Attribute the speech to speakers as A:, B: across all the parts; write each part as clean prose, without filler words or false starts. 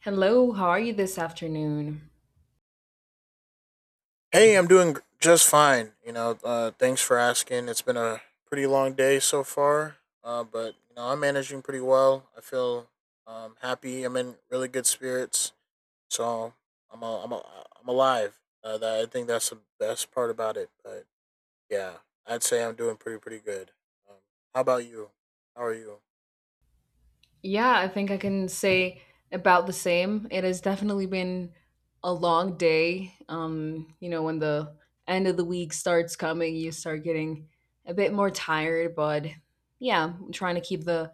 A: Hello, how are you this afternoon?
B: Hey, I'm doing just fine. Thanks for asking. It's been a pretty long day so far, but I'm managing pretty well. I feel happy. I'm in really good spirits, so I'm a, I'm a, I'm alive. That I think that's the best part about it. But yeah, I'd say I'm doing pretty good. Um, how about you? How are you?
A: Yeah, I think I can say about the same. It has definitely been a long day. When the end of the week starts coming, you start getting a bit more tired, but yeah, I'm trying to keep the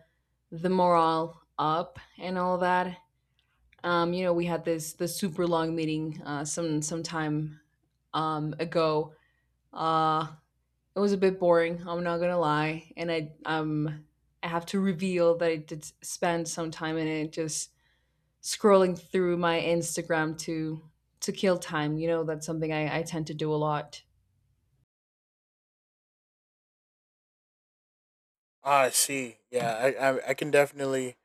A: the morale up and all that. We had this super long meeting some time ago. Uh It was a bit boring, I'm not gonna lie, and I have to reveal that I did spend some time in it just scrolling through my Instagram to kill time. You know, that's something I tend to do a lot.
B: Ah, I see. Yeah, I can definitely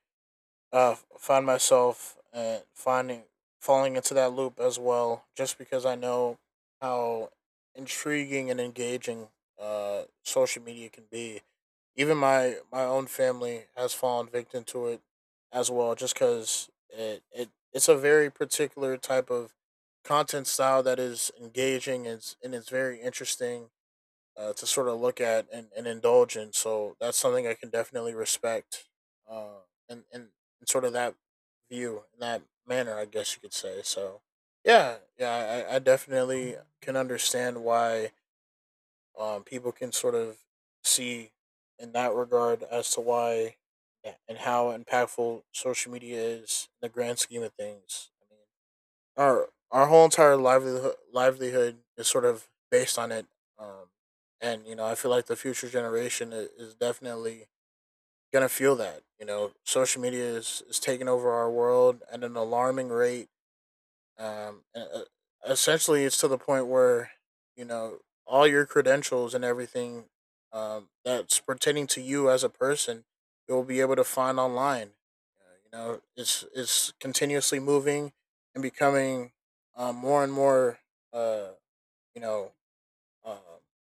B: find myself finding falling into that loop as well, just because I know how intriguing and engaging social media can be. Even my own family has fallen victim to it as well, just because it's a very particular type of content style that is engaging and it's very interesting to sort of look at and indulge in. So that's something I can definitely respect, uh, and and and sort of that view in that manner, I guess you could say. So yeah, yeah, I definitely can understand why people can sort of see in that regard as to why yeah, and how impactful social media is in the grand scheme of things. I mean, our whole entire livelihood is sort of based on it. Um, and I feel like the future generation is definitely gonna feel that. You know, social media is taking over our world at an alarming rate um, e- e- essentially, it's to the point where you know all your credentials and everything that's pertaining to you as a person, you'll be able to find online. You know, it's continuously moving and becoming more and more. Uh, you know, um,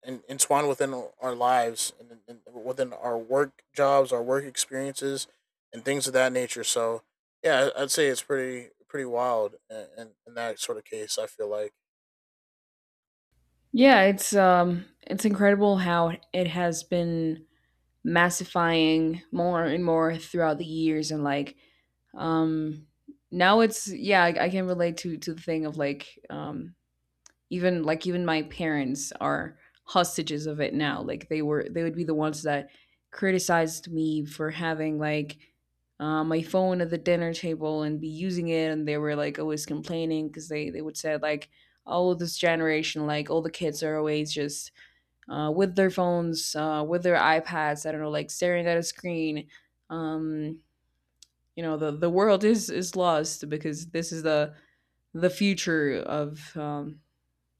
B: and entwined within our lives and within our work jobs, our work experiences, and things of that nature. So, yeah, would say it's pretty wild in that sort of case. I feel like,
A: Yeah, it's incredible how it has been massifying more and more throughout the years and um now it's yeah, I can relate to the thing of even like even my parents are hostages of it now, like they would be the ones that criticized me for having like my phone at the dinner table and be using it, and they were like always complaining because they would say like, oh, this generation, like all the kids are always just with their phones, with their iPads, I don't know, like staring at a screen. um you know, the world is lost because this is the future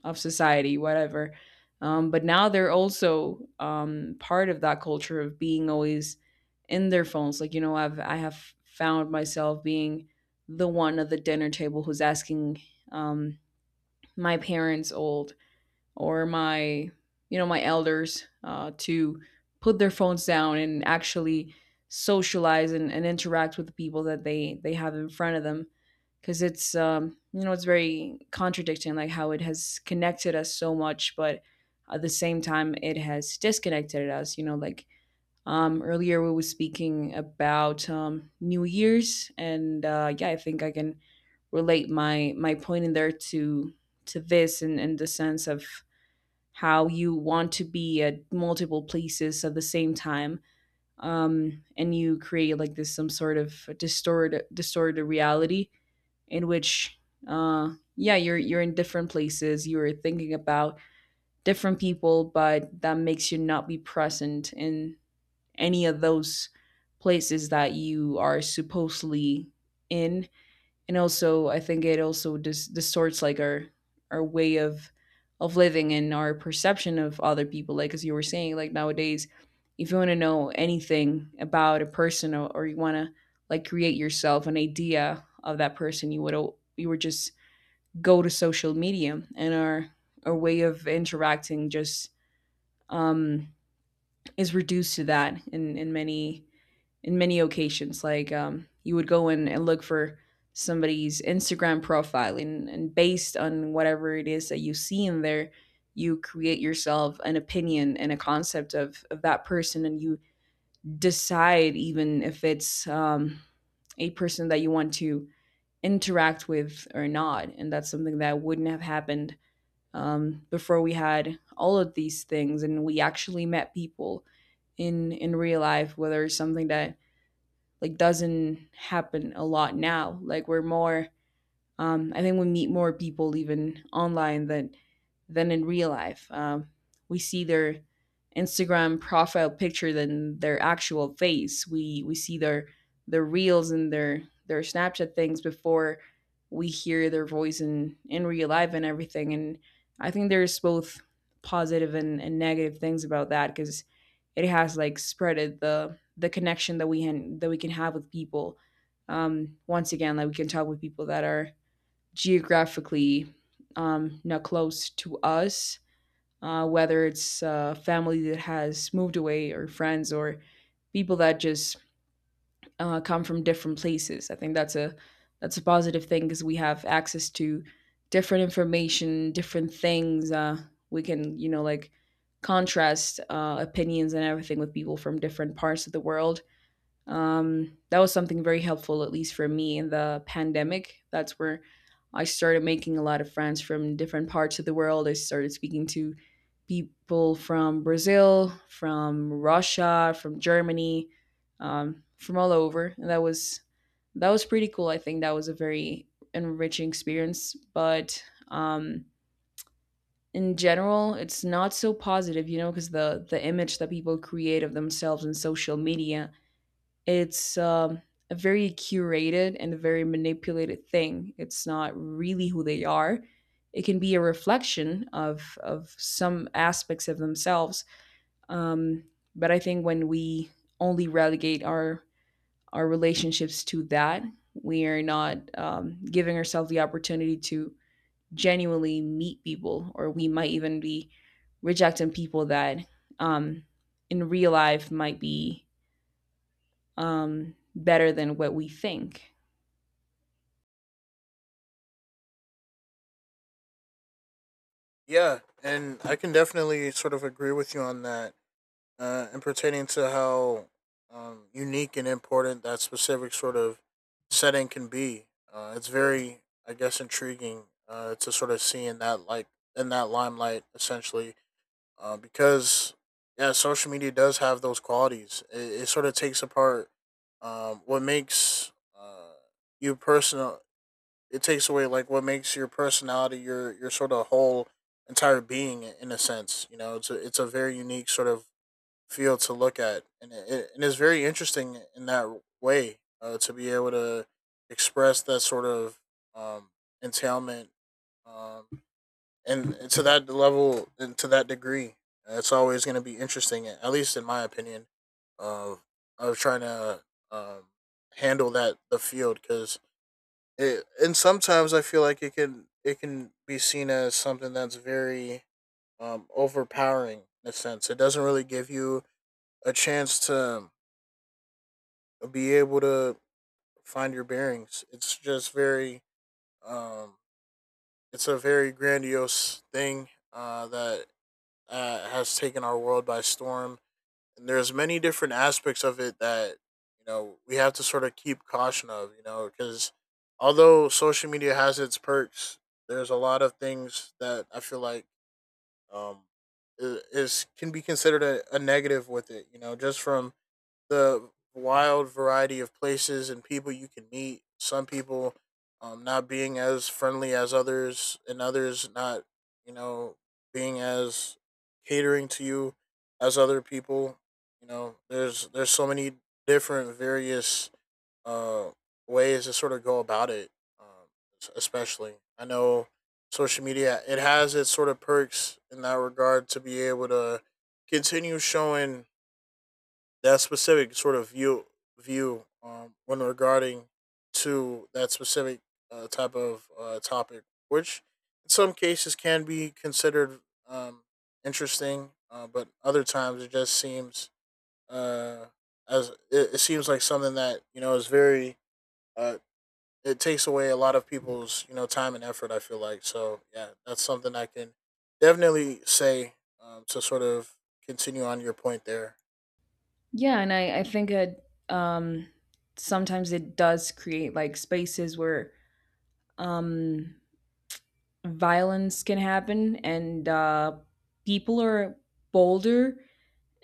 A: of society, whatever. But now they're also part of that culture of being always in their phones. Like, you know, I have found myself being the one at the dinner table who's asking, um, my parents old, or my, you know, my elders, to put their phones down and actually socialize and interact with the people that they have in front of them, because it's, you know, it's very contradicting, like how it has connected us so much but at the same time it has disconnected us, you know. Like, earlier we were speaking about, New Year's, and yeah, I think I can relate my my point in there to this, and in the sense of how you want to be at multiple places at the same time, and you create like this some sort of distorted reality in which uh yeah, you're in different places, you're thinking about different people, but that makes you not be present in any of those places that you are supposedly in. And also I think it also distorts, like, our way of living and our perception of other people. Like, as you were saying, like, nowadays, if you want to know anything about a person, or you want to like create yourself an idea of that person, you would you would just go to social media, and our way of interacting just um, is reduced to that in many occasions. Like, you would go in and look for somebody's Instagram profile, and based on whatever it is that you see in there, you create yourself an opinion and a concept of that person, and you decide even if it's, a person that you want to interact with or not. And that's something that wouldn't have happened, before we had all of these things, and we actually met people in real life, whether it's something that like doesn't happen a lot now. Like, we're more, I think we meet more people even online than in real life. We see their Instagram profile picture than their actual face. We see their reels and their Snapchat things before we hear their voice in real life and everything. And I think there's both positive and negative things about that, because it has like spreaded the connection that we can have with people. Once again, like, we can talk with people that are geographically, not close to us, whether it's family that has moved away, or friends, or people that just come from different places. I think that's a positive thing, because we have access to different information, different things. We can, you know, like, contrast opinions and everything with people from different parts of the world. That was something very helpful, at least for me, in the pandemic. That's where I started making a lot of friends from different parts of the world. I started speaking to people from Brazil, from Russia, from Germany, from all over. And that was pretty cool. I think that was a very enriching experience. But, in general, it's not so positive, you know, because the image that people create of themselves in social media, it's, a very curated and a very manipulated thing. It's not really who they are. It can be a reflection of some aspects of themselves. Um, but I think when we only relegate our relationships to that, we are not, giving ourselves the opportunity to genuinely meet people, or we might even be rejecting people that, um, in real life might be, better than what we think.
B: yeah, and I can definitely sort of agree with you on that, and pertaining to how unique and important that specific sort of setting can be. It's very, I guess, intriguing to sort of see in that like in that limelight, essentially because yeah, social media does have those qualities. It sort of takes apart what makes uh, you personal. It takes away like what makes your personality, your sort of whole entire being in a sense. You know, it's a very unique sort of field to look at, and and it's very interesting in that way to be able to express that sort of um, entailment um, and to that level and to that degree, it's always going to be interesting. At least in my opinion, of of trying to um, handle that the field because it and sometimes I feel like it can be seen as something that's very overpowering in a sense. It doesn't really give you a chance to be able to find your bearings. It's just very um, it's a very grandiose thing that has taken our world by storm, and there's many different aspects of it that we have to sort of keep caution of. You know, because although social media has its perks, there's a lot of things that I feel like um, is can be considered a negative with it. You know, just from the wild variety of places and people you can meet. Some people not being as friendly as others, and others not, you know, being as catering to you as other people. You know, there's so many different various uh, ways to sort of go about it. Um, Especially, I know social media it has its sort of perks in that regard to be able to continue showing that specific sort of view when regarding to that specific type of topic, which in some cases can be considered um, interesting, but other times it just seems uh, as it seems like something that is very uh, it takes away a lot of people's time and effort. I feel like so yeah, that's something I can definitely say to sort of continue on your point there.
A: Yeah, and I think it um, sometimes it does create like spaces where, um, violence can happen, and people are bolder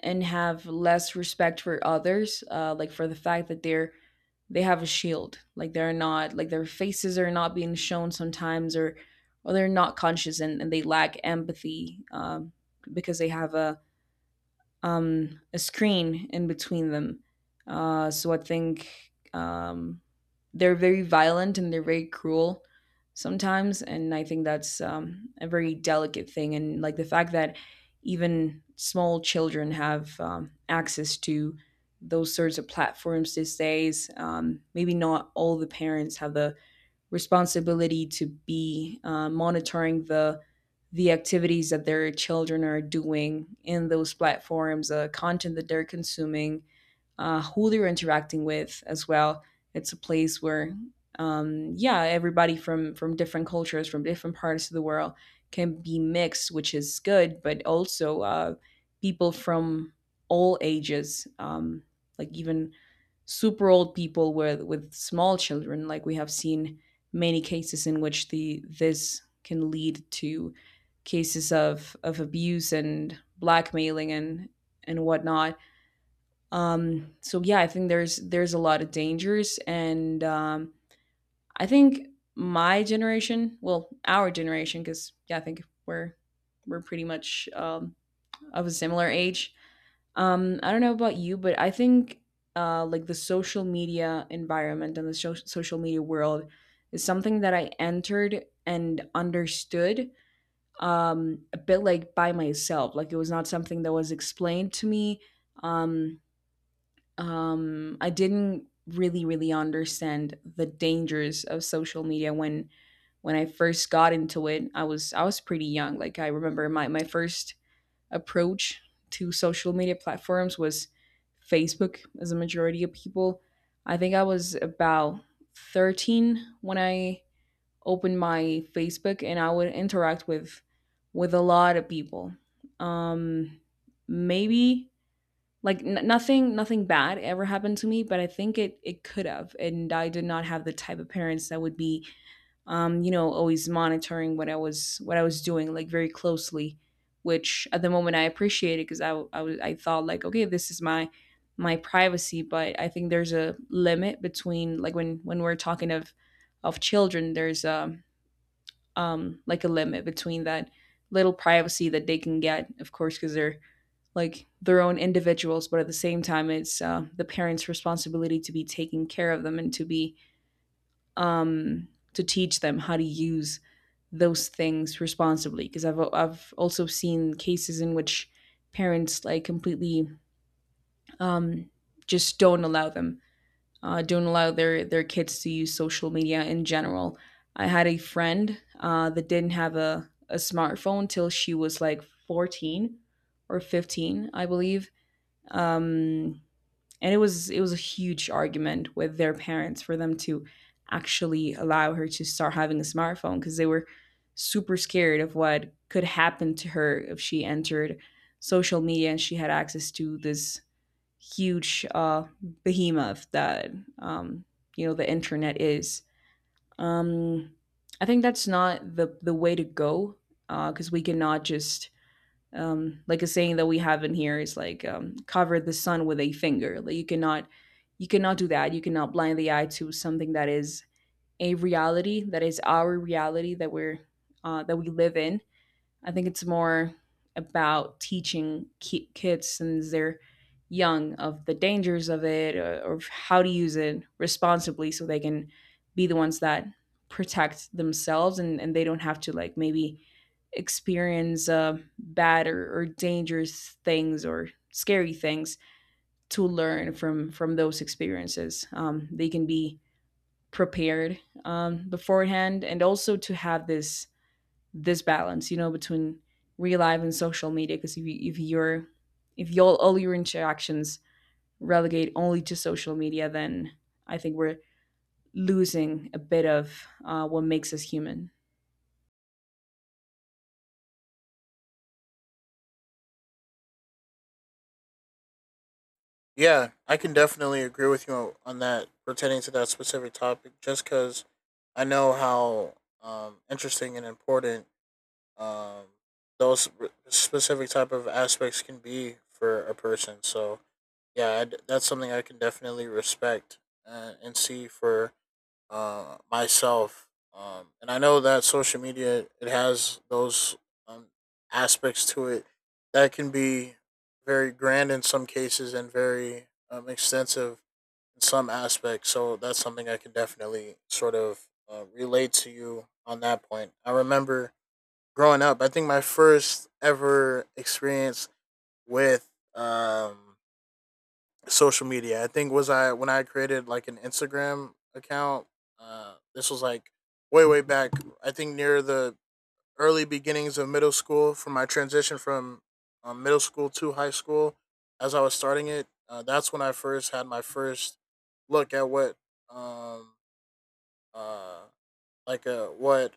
A: and have less respect for others, like for the fact that they have a shield, like they're not, like their faces are not being shown sometimes, or they're not conscious, and they lack empathy, because they have a, a screen in between them. So I think, um, they're very violent and they're very cruel sometimes, and I think that's, a very delicate thing. And like the fact that even small children have, access to those sorts of platforms these days. Maybe not all the parents have the responsibility to be monitoring the activities that their children are doing in those platforms, content that they're consuming, who they're interacting with as well. It's a place where, yeah, everybody from different cultures, from different parts of the world, can be mixed, which is good. But also, people from all ages, like even super old people with small children, like we have seen many cases in which the this can lead to cases of abuse and blackmailing and whatnot. So yeah, I think there's a lot of dangers, and I think my generation, well, our generation, because yeah, I think we're pretty much, of a similar age. I don't know about you, but I think, like the social media environment and the social media world is something that I entered and understood, a bit like by myself. Like, it was not something that was explained to me. Um, I didn't really, really understand the dangers of social media when I first got into it. I was pretty young. Like, I remember my first approach to social media platforms was Facebook, as a majority of people. I think I was about 13 when I opened my Facebook, and I would interact with a lot of people. Um Maybe like, nothing bad ever happened to me, but I think it it could have, and I did not have the type of parents that would be, you know, always monitoring what I was doing, like very closely, which at the moment I appreciated because I thought like, okay, this is my my privacy, but I think there's a limit between, like, when we're talking of children, there's, like a limit between that little privacy that they can get, of course, because they're like their own individuals, but at the same time, it's, the parents' responsibility to be taking care of them and to be, um, to teach them how to use those things responsibly. Because I've also seen cases in which parents like completely, um, just don't allow them, don't allow their kids to use social media in general. I had a friend, that didn't have a smartphone till she was like 14 or 15, I believe. Um, and it was a huge argument with their parents for them to actually allow her to start having a smartphone, because they were super scared of what could happen to her if she entered social media and she had access to this huge, behemoth that, um, you know, the internet is. Um, I think that's not the way to go because we cannot just like, a saying that we have in here is like, cover the sun with a finger. Like you cannot do that, you cannot blind the eye to something that is a reality, that is our reality that we're that we live in. I think it's more about teaching kids since they're young of the dangers of it, or how to use it responsibly, so they can be the ones that protect themselves, and they don't have to, like, maybe experience bad or dangerous things or scary things to learn from those experiences. They can be prepared beforehand, and also to have this balance, you know, between real life and social media. Because if you're, if you, all your interactions relegate only to social media, then I think we're losing a bit of what makes us human.
B: Yeah, I can definitely agree with you on that. Pertaining to that specific topic, just because I know how interesting and important um, those specific type of aspects can be for a person. So yeah, I d that's something I can definitely respect and see for myself. And I know that social media it has those um, aspects to it that can be very grand in some cases and very extensive in some aspects. So that's something I can definitely sort of relate to you on that point. I remember growing up. I think my first ever experience with social media, I think was I when I created like an Instagram account. This was like way back. I think near the early beginnings of middle school, from my transition from middle school to high school, as I was starting it. That's when I first had my first look at what um uh like a what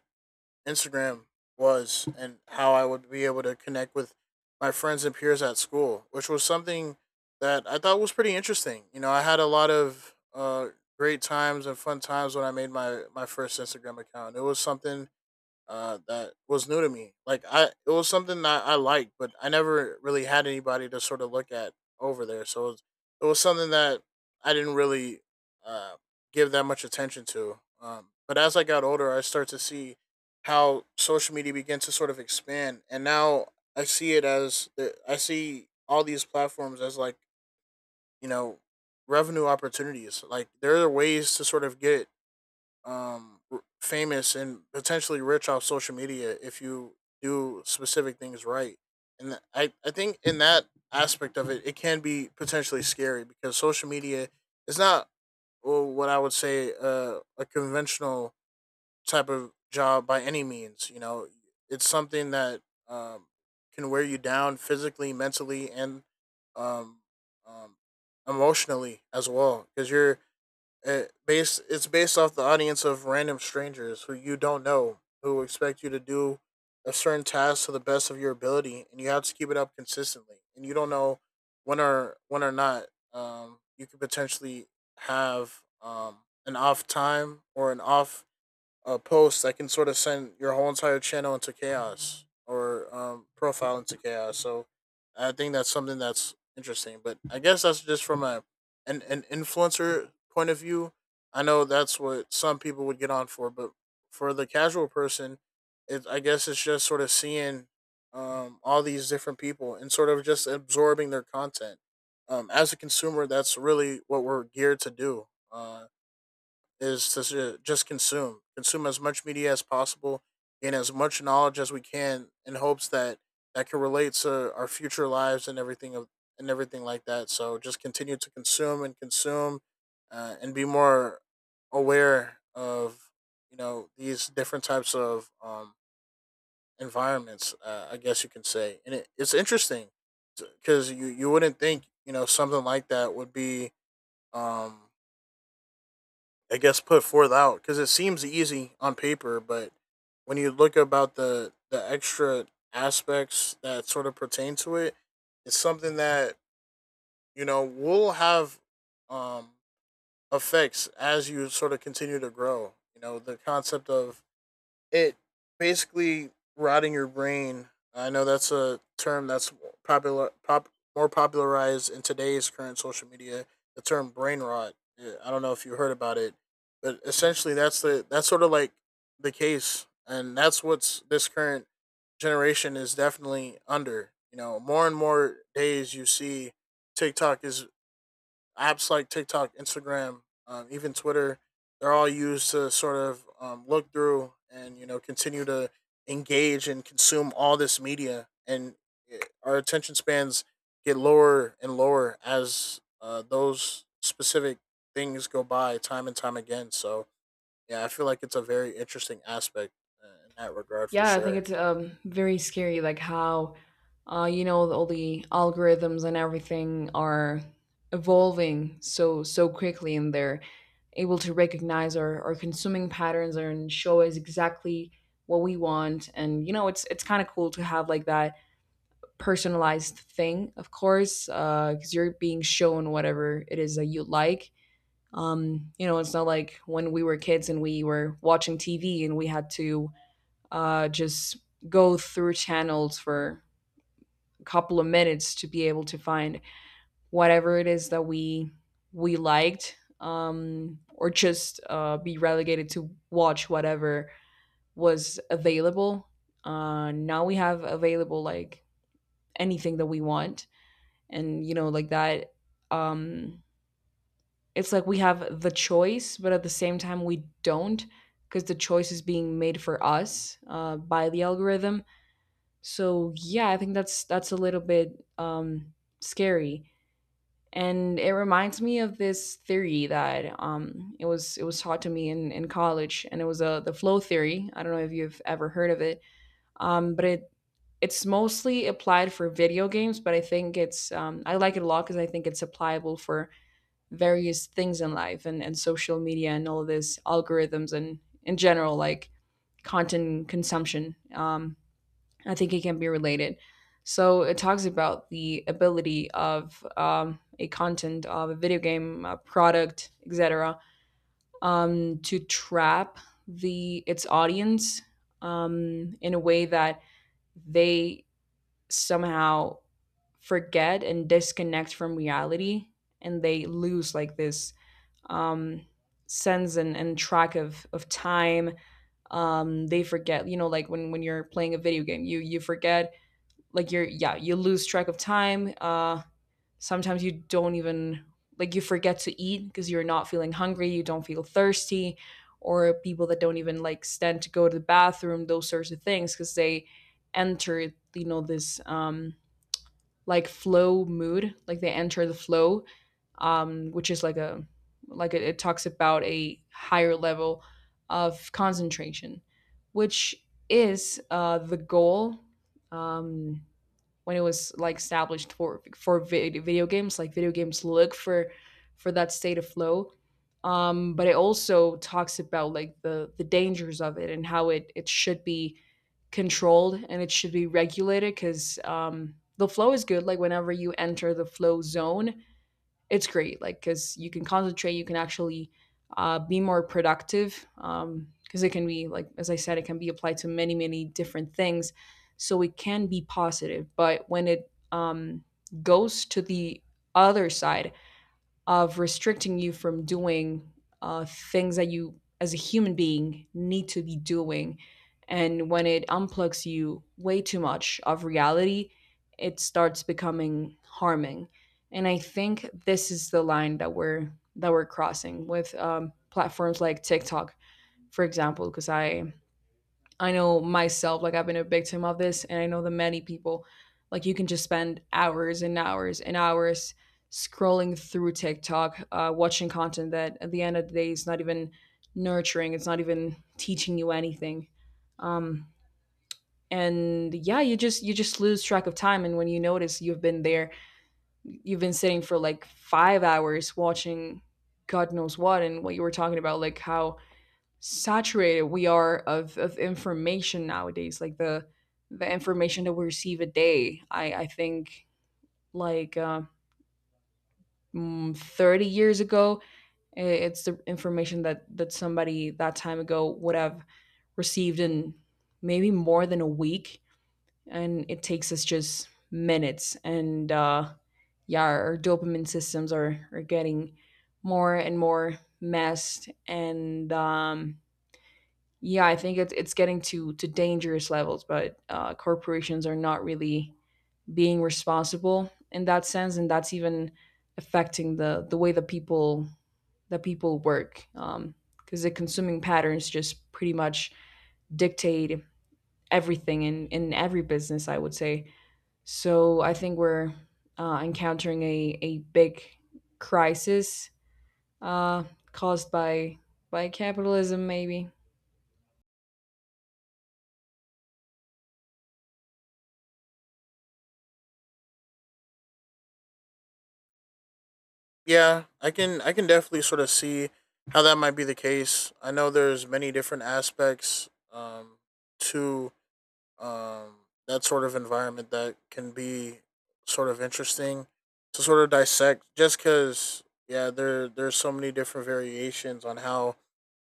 B: Instagram was and how I would be able to connect with my friends and peers at school, which was something that I thought was pretty interesting. You know, I had a lot of great times and fun times when I made my first Instagram account. It was something that was new to me. It was something that I liked, but I never really had anybody to sort of look at over there. So it was something that I didn't really uh, give that much attention to. But as I got older, I start to see how social media began to sort of expand, and now I see it as I see all these platforms as like you know revenue opportunities. Like there are ways to sort of get famous and potentially rich off social media if you do specific things right. and th- I think in that aspect of it it can be potentially scary because social media is not, well, what I would say a conventional type of job by any means. You know, it's something that um, can wear you down physically, mentally, and um, um, emotionally as well because you're it based it's based off the audience of random strangers who you don't know, who expect you to do a certain task to the best of your ability, and you have to keep it up consistently. And you don't know when or not you could potentially have an off time or an off a post that can sort of send your whole entire channel into chaos or profile into chaos. So I think that's something that's interesting. But I guess that's just from a an influencer point of view. I know that's what some people would get on for, but for the casual person, I guess it's just sort of seeing all these different people and sort of just absorbing their content. As a consumer, that's really what we're geared to do. Is to just consume, consume as much media as possible, gain as much knowledge as we can in hopes that that can relate to our future lives and everything like that. So just continue to consume and consume and be more aware of these different types of environments, I guess you can say. And it's interesting because you wouldn't think something like that would be um, I guess put forth out because it seems easy on paper, but when you look about the extra aspects that sort of pertain to it, it's something that will have um, effects as you sort of continue to grow. You know, the concept of it basically rotting your brain. I know that's a term that's popular, pop, more popularized in today's current social media. The term brain rot. Yeah, I don't know if you heard about it, but essentially that's sort of like the case, and that's what's this current generation is definitely under. You know, more and more days you see TikTok is apps like TikTok, Instagram, even Twitter, they're all used to sort of look through and you know continue to engage and consume all this media, and our attention spans get lower and lower as those specific things go by time and time again. So yeah, I feel like it's a very interesting aspect in that regard for
A: Yeah, I think
B: sure.
A: it's, um, very scary, like how, uh, you know, all the algorithms and everything are evolving so quickly, and they're able to recognize our consuming patterns and show us exactly what we want. And you know, it's kind of cool to have like that personalized thing, of course, because you're being shown whatever it is that you like. You know, it's not like when we were kids and we were watching TV and we had to, just go through channels for a couple of minutes to be able to find whatever it is that we liked, or just, be relegated to watch whatever was available. Now we have available like anything that we want, and you know, like that, um, it's like we have the choice, but at the same time we don't, because the choice is being made for us, by the algorithm. So yeah, I think that's a little bit, um, scary, and it reminds me of this theory that, it was, it was taught to me in college, and it was, the flow theory. I don't know if you've ever heard of it, but it, it's mostly applied for video games, but I think it's, I like it a lot because I think it's applicable for various things in life, and social media and all of this algorithms and in general, like, content consumption. I think it can be related. So it talks about the ability of, a content of a video game, a product, etc., to trap the its audience in a way that they somehow forget and disconnect from reality, and they lose like this, um, sense and track of time. They forget, you know, like when you're playing a video game, you forget, like you're, yeah, you lose track of time, sometimes you don't even, like, you forget to eat because you're not feeling hungry, you don't feel thirsty, or people that don't even like stand to go to the bathroom, those sorts of things, because they enter, you know, this like flow mood, like they enter the flow, which is like a, like it talks about a higher level of concentration, which is, the goal um when it was like established for video games. Like video games look for that state of flow, but it also talks about like the dangers of it and how it, it should be controlled and it should be regulated, because the flow is good, like whenever you enter the flow zone it's great, like, because you can concentrate, you can actually, be more productive, because it can be, like as I said, it can be applied to many many different things, so it can be positive. But when it, goes to the other side of restricting you from doing, things that you as a human being need to be doing, and when it unplugs you way too much of reality, it starts becoming harming. And I think this is the line that we're crossing with, platforms like TikTok, for example. Because I know myself, like I've been a victim of this, and I know the many people. Like you can just spend hours and hours and hours scrolling through TikTok, watching content that at the end of the day is not even nurturing. It's not even teaching you anything. Um, and yeah, you just, you just lose track of time. And when you notice, you've been there, you've been sitting for like 5 hours watching God knows what. And what you were talking about, like how saturated we are of information nowadays, like the information that we receive a day, I think, like, 30 years ago, it's the information that that somebody that time ago would have received in maybe more than a week, and it takes us just minutes. And, yeah, our dopamine systems are getting more and more messed. And yeah, I think it's getting to dangerous levels, but, corporations are not really being responsible in that sense, and that's even affecting the way the people, the people work, because the consuming patterns just pretty much dictate everything in every business, I would say. So I think we're, encountering a big crisis, uh, caused by capitalism, maybe.
B: Yeah, I can definitely sort of see how that might be the case. I know there's many different aspects to um, that sort of environment that can be sort of interesting to sort of dissect. Just because, yeah, there's so many different variations on how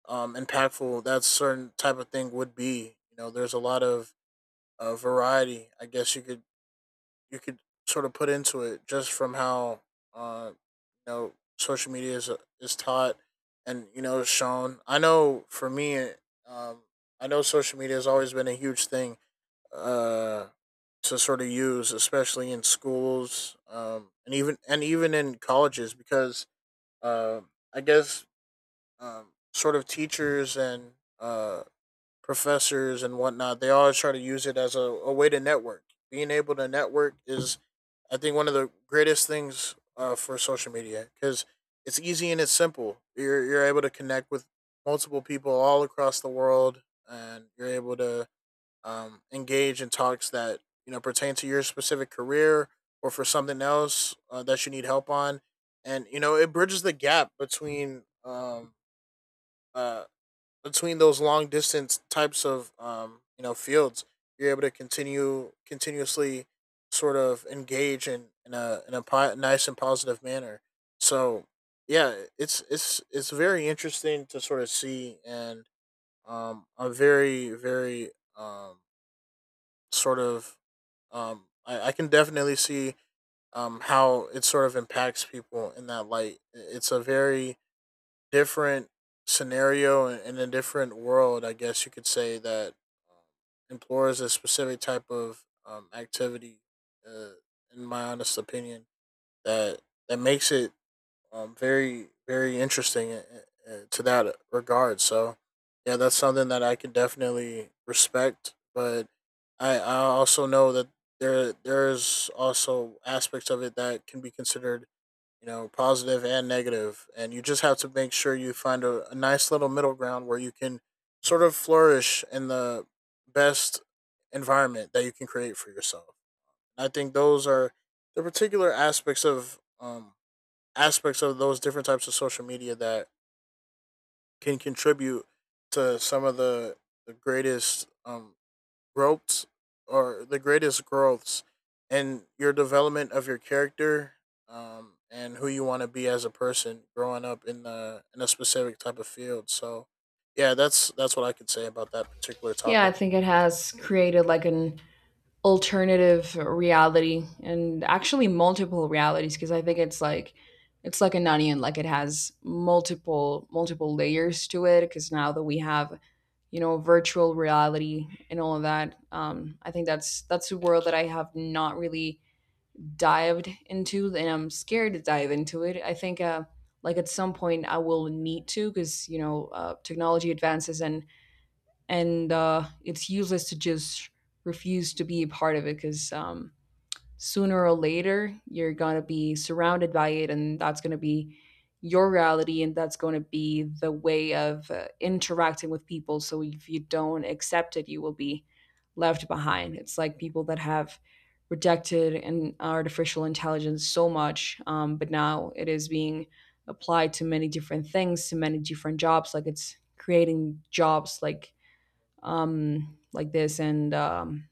B: impactful that certain type of thing would be. You know, there's a lot of variety. I guess you could sort of put into it just from how uh you know social media is taught and shown. I know for me, um, I know social media has always been a huge thing uh to sort of use, especially in schools and even in colleges because um I guess sort of teachers and uh professors and whatnot, they always try to use it as a way to network. Being able to network is, I think, one of the greatest things for social media because it's easy and it's simple. You're able to connect with multiple people all across the world, and you're able to engage in talks that pertain to your specific career or for something else that you need help on, and you know it bridges the gap between uh, between those long distance types of you know fields, you're able to continue continuously sort of engage in nice and positive manner. So yeah, it's very interesting to sort of see, and a very um sort of I can definitely see how it sort of impacts people in that light. It's a very different scenario and a different world, I guess you could say that um, implores a specific type of activity. Uh, in my honest opinion, that that makes it very very interesting to that regard. So, yeah, that's something that I can definitely respect. But I also know that there's also aspects of it that can be considered you know, positive and negative, and you just have to make sure you find a nice little middle ground where you can sort of flourish in the best environment that you can create for yourself. And I think those are the particular aspects of those different types of social media that can contribute to some of the greatest growths or the greatest growths in your development of your character and who you want to be as a person growing up in the in a specific type of field. So yeah, that's what I could say about that particular
A: Yeah, I
B: topic.
A: think it has created like an alternative reality, and actually multiple realities, because I think it's like, it's like an onion, like it has multiple multiple layers to it, because now that we have, you know, virtual reality and all of that, I think that's a world that I have not really dived into, and I'm scared to dive into it. I think, like at some point I will need to, because you know, technology advances, and it's useless to just refuse to be a part of it, because sooner or later you're going to be surrounded by it, and that's going to be your reality, and that's going to be the way of, interacting with people. So if you don't accept it, you will be left behind. It's like people that have rejected an artificial intelligence so much, but now it is being applied to many different things, to many different jobs. Like it's creating jobs like, like this. And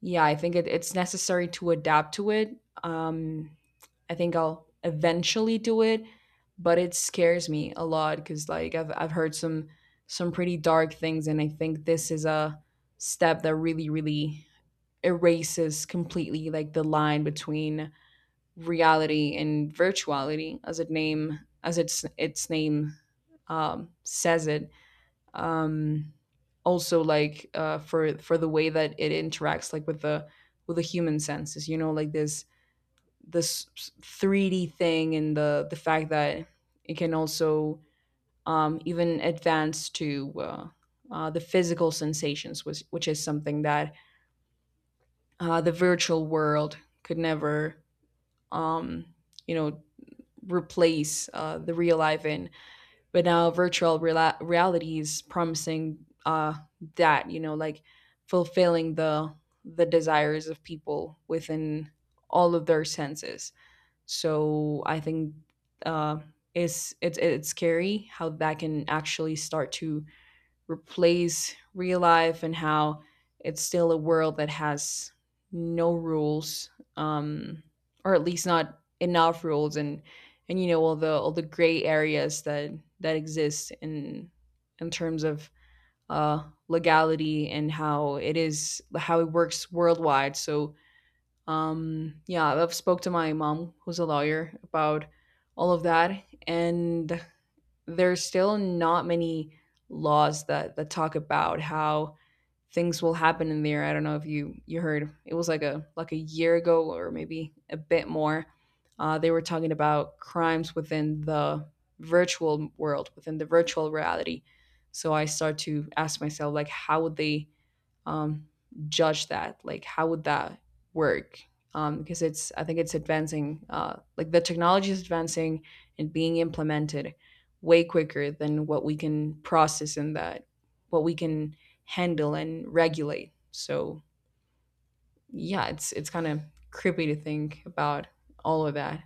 A: yeah, I think it, it's necessary to adapt to it. Um, I think I'll eventually do it, but it scares me a lot, because like I've heard some pretty dark things. And I think this is a step that really really erases completely like the line between reality and virtuality, as it name as its name, says it. um Also, like, for the way that it interacts, like with the, with the human senses, you know, like this 3D thing, and the fact that it can also, even advance to, the physical sensations, which is something that, the virtual world could never, um you know, replace, the real life in. But now virtual reality is promising, that you know, like, fulfilling the desires of people within all of their senses. So I think, uh, it's, it's scary how that can actually start to replace real life, and how it's still a world that has no rules, um or at least not enough rules. And you know, all the, all the gray areas that, that exist in terms of, uh legality and how it is, how it works worldwide. So, yeah, I've spoke to my mom, who's a lawyer, about all of that. And there's still not many laws that, that talk about how things will happen in the air. I don't know if you heard, it was like a, like a year ago, or maybe a bit more. They were talking about crimes within the virtual world, within the virtual reality. So I start to ask myself like, how would they, um, judge that? Like, how would that work? Because it's, I think it's advancing, like the technology is advancing and being implemented way quicker than what we can process, and that what we can handle and regulate. So yeah, it's kind of creepy to think about all of that.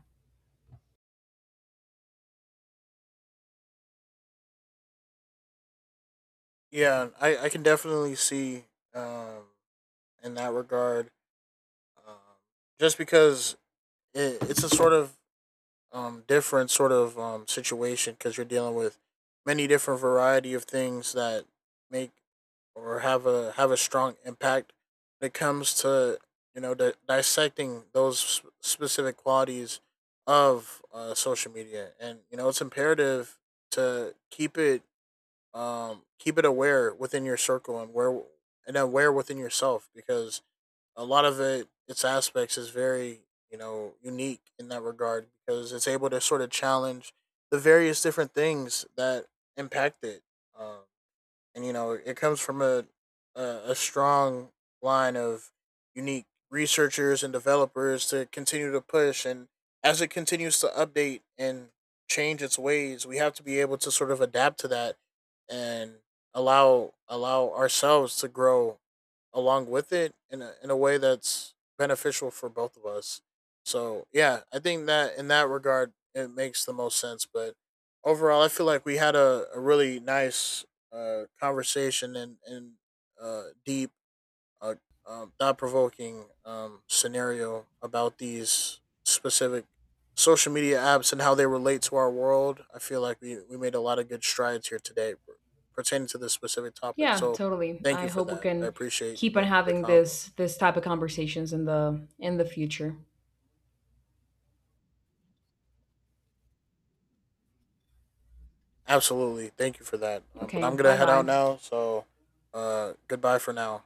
B: Yeah, I can definitely see um, in that regard, um, just because it's a sort of different sort of situation because you're dealing with many different variety of things that make or have a strong impact when it comes to you know dissecting those specific qualities of social media and you know it's imperative to keep it aware within your circle and aware within yourself because a lot of it its aspects is very you know unique in that regard because it's able to sort of challenge the various different things that impact it. Um, and you know it comes from a strong line of unique researchers and developers to continue to push and as it continues to update and change its ways we have to be able to sort of adapt to that and allow ourselves to grow along with it in in a way that's beneficial for both of us. So yeah, I think that in that regard it makes the most sense, but overall I feel like we had a really nice conversation, and uh, deep, uh, thought provoking scenario about these specific social media apps and how they relate to our world. I feel like we made a lot of good strides here today pertaining to this specific topic.
A: Yeah,
B: So
A: totally.
B: thank
A: I
B: you for
A: hope we
B: that. I
A: can
B: appreciate
A: keep on
B: the
A: having
B: convo.
A: this type of conversations in the future.
B: Absolutely, thank you for that. But
A: Okay,
B: I'm gonna head out
A: bye-bye.
B: now. So goodbye for now.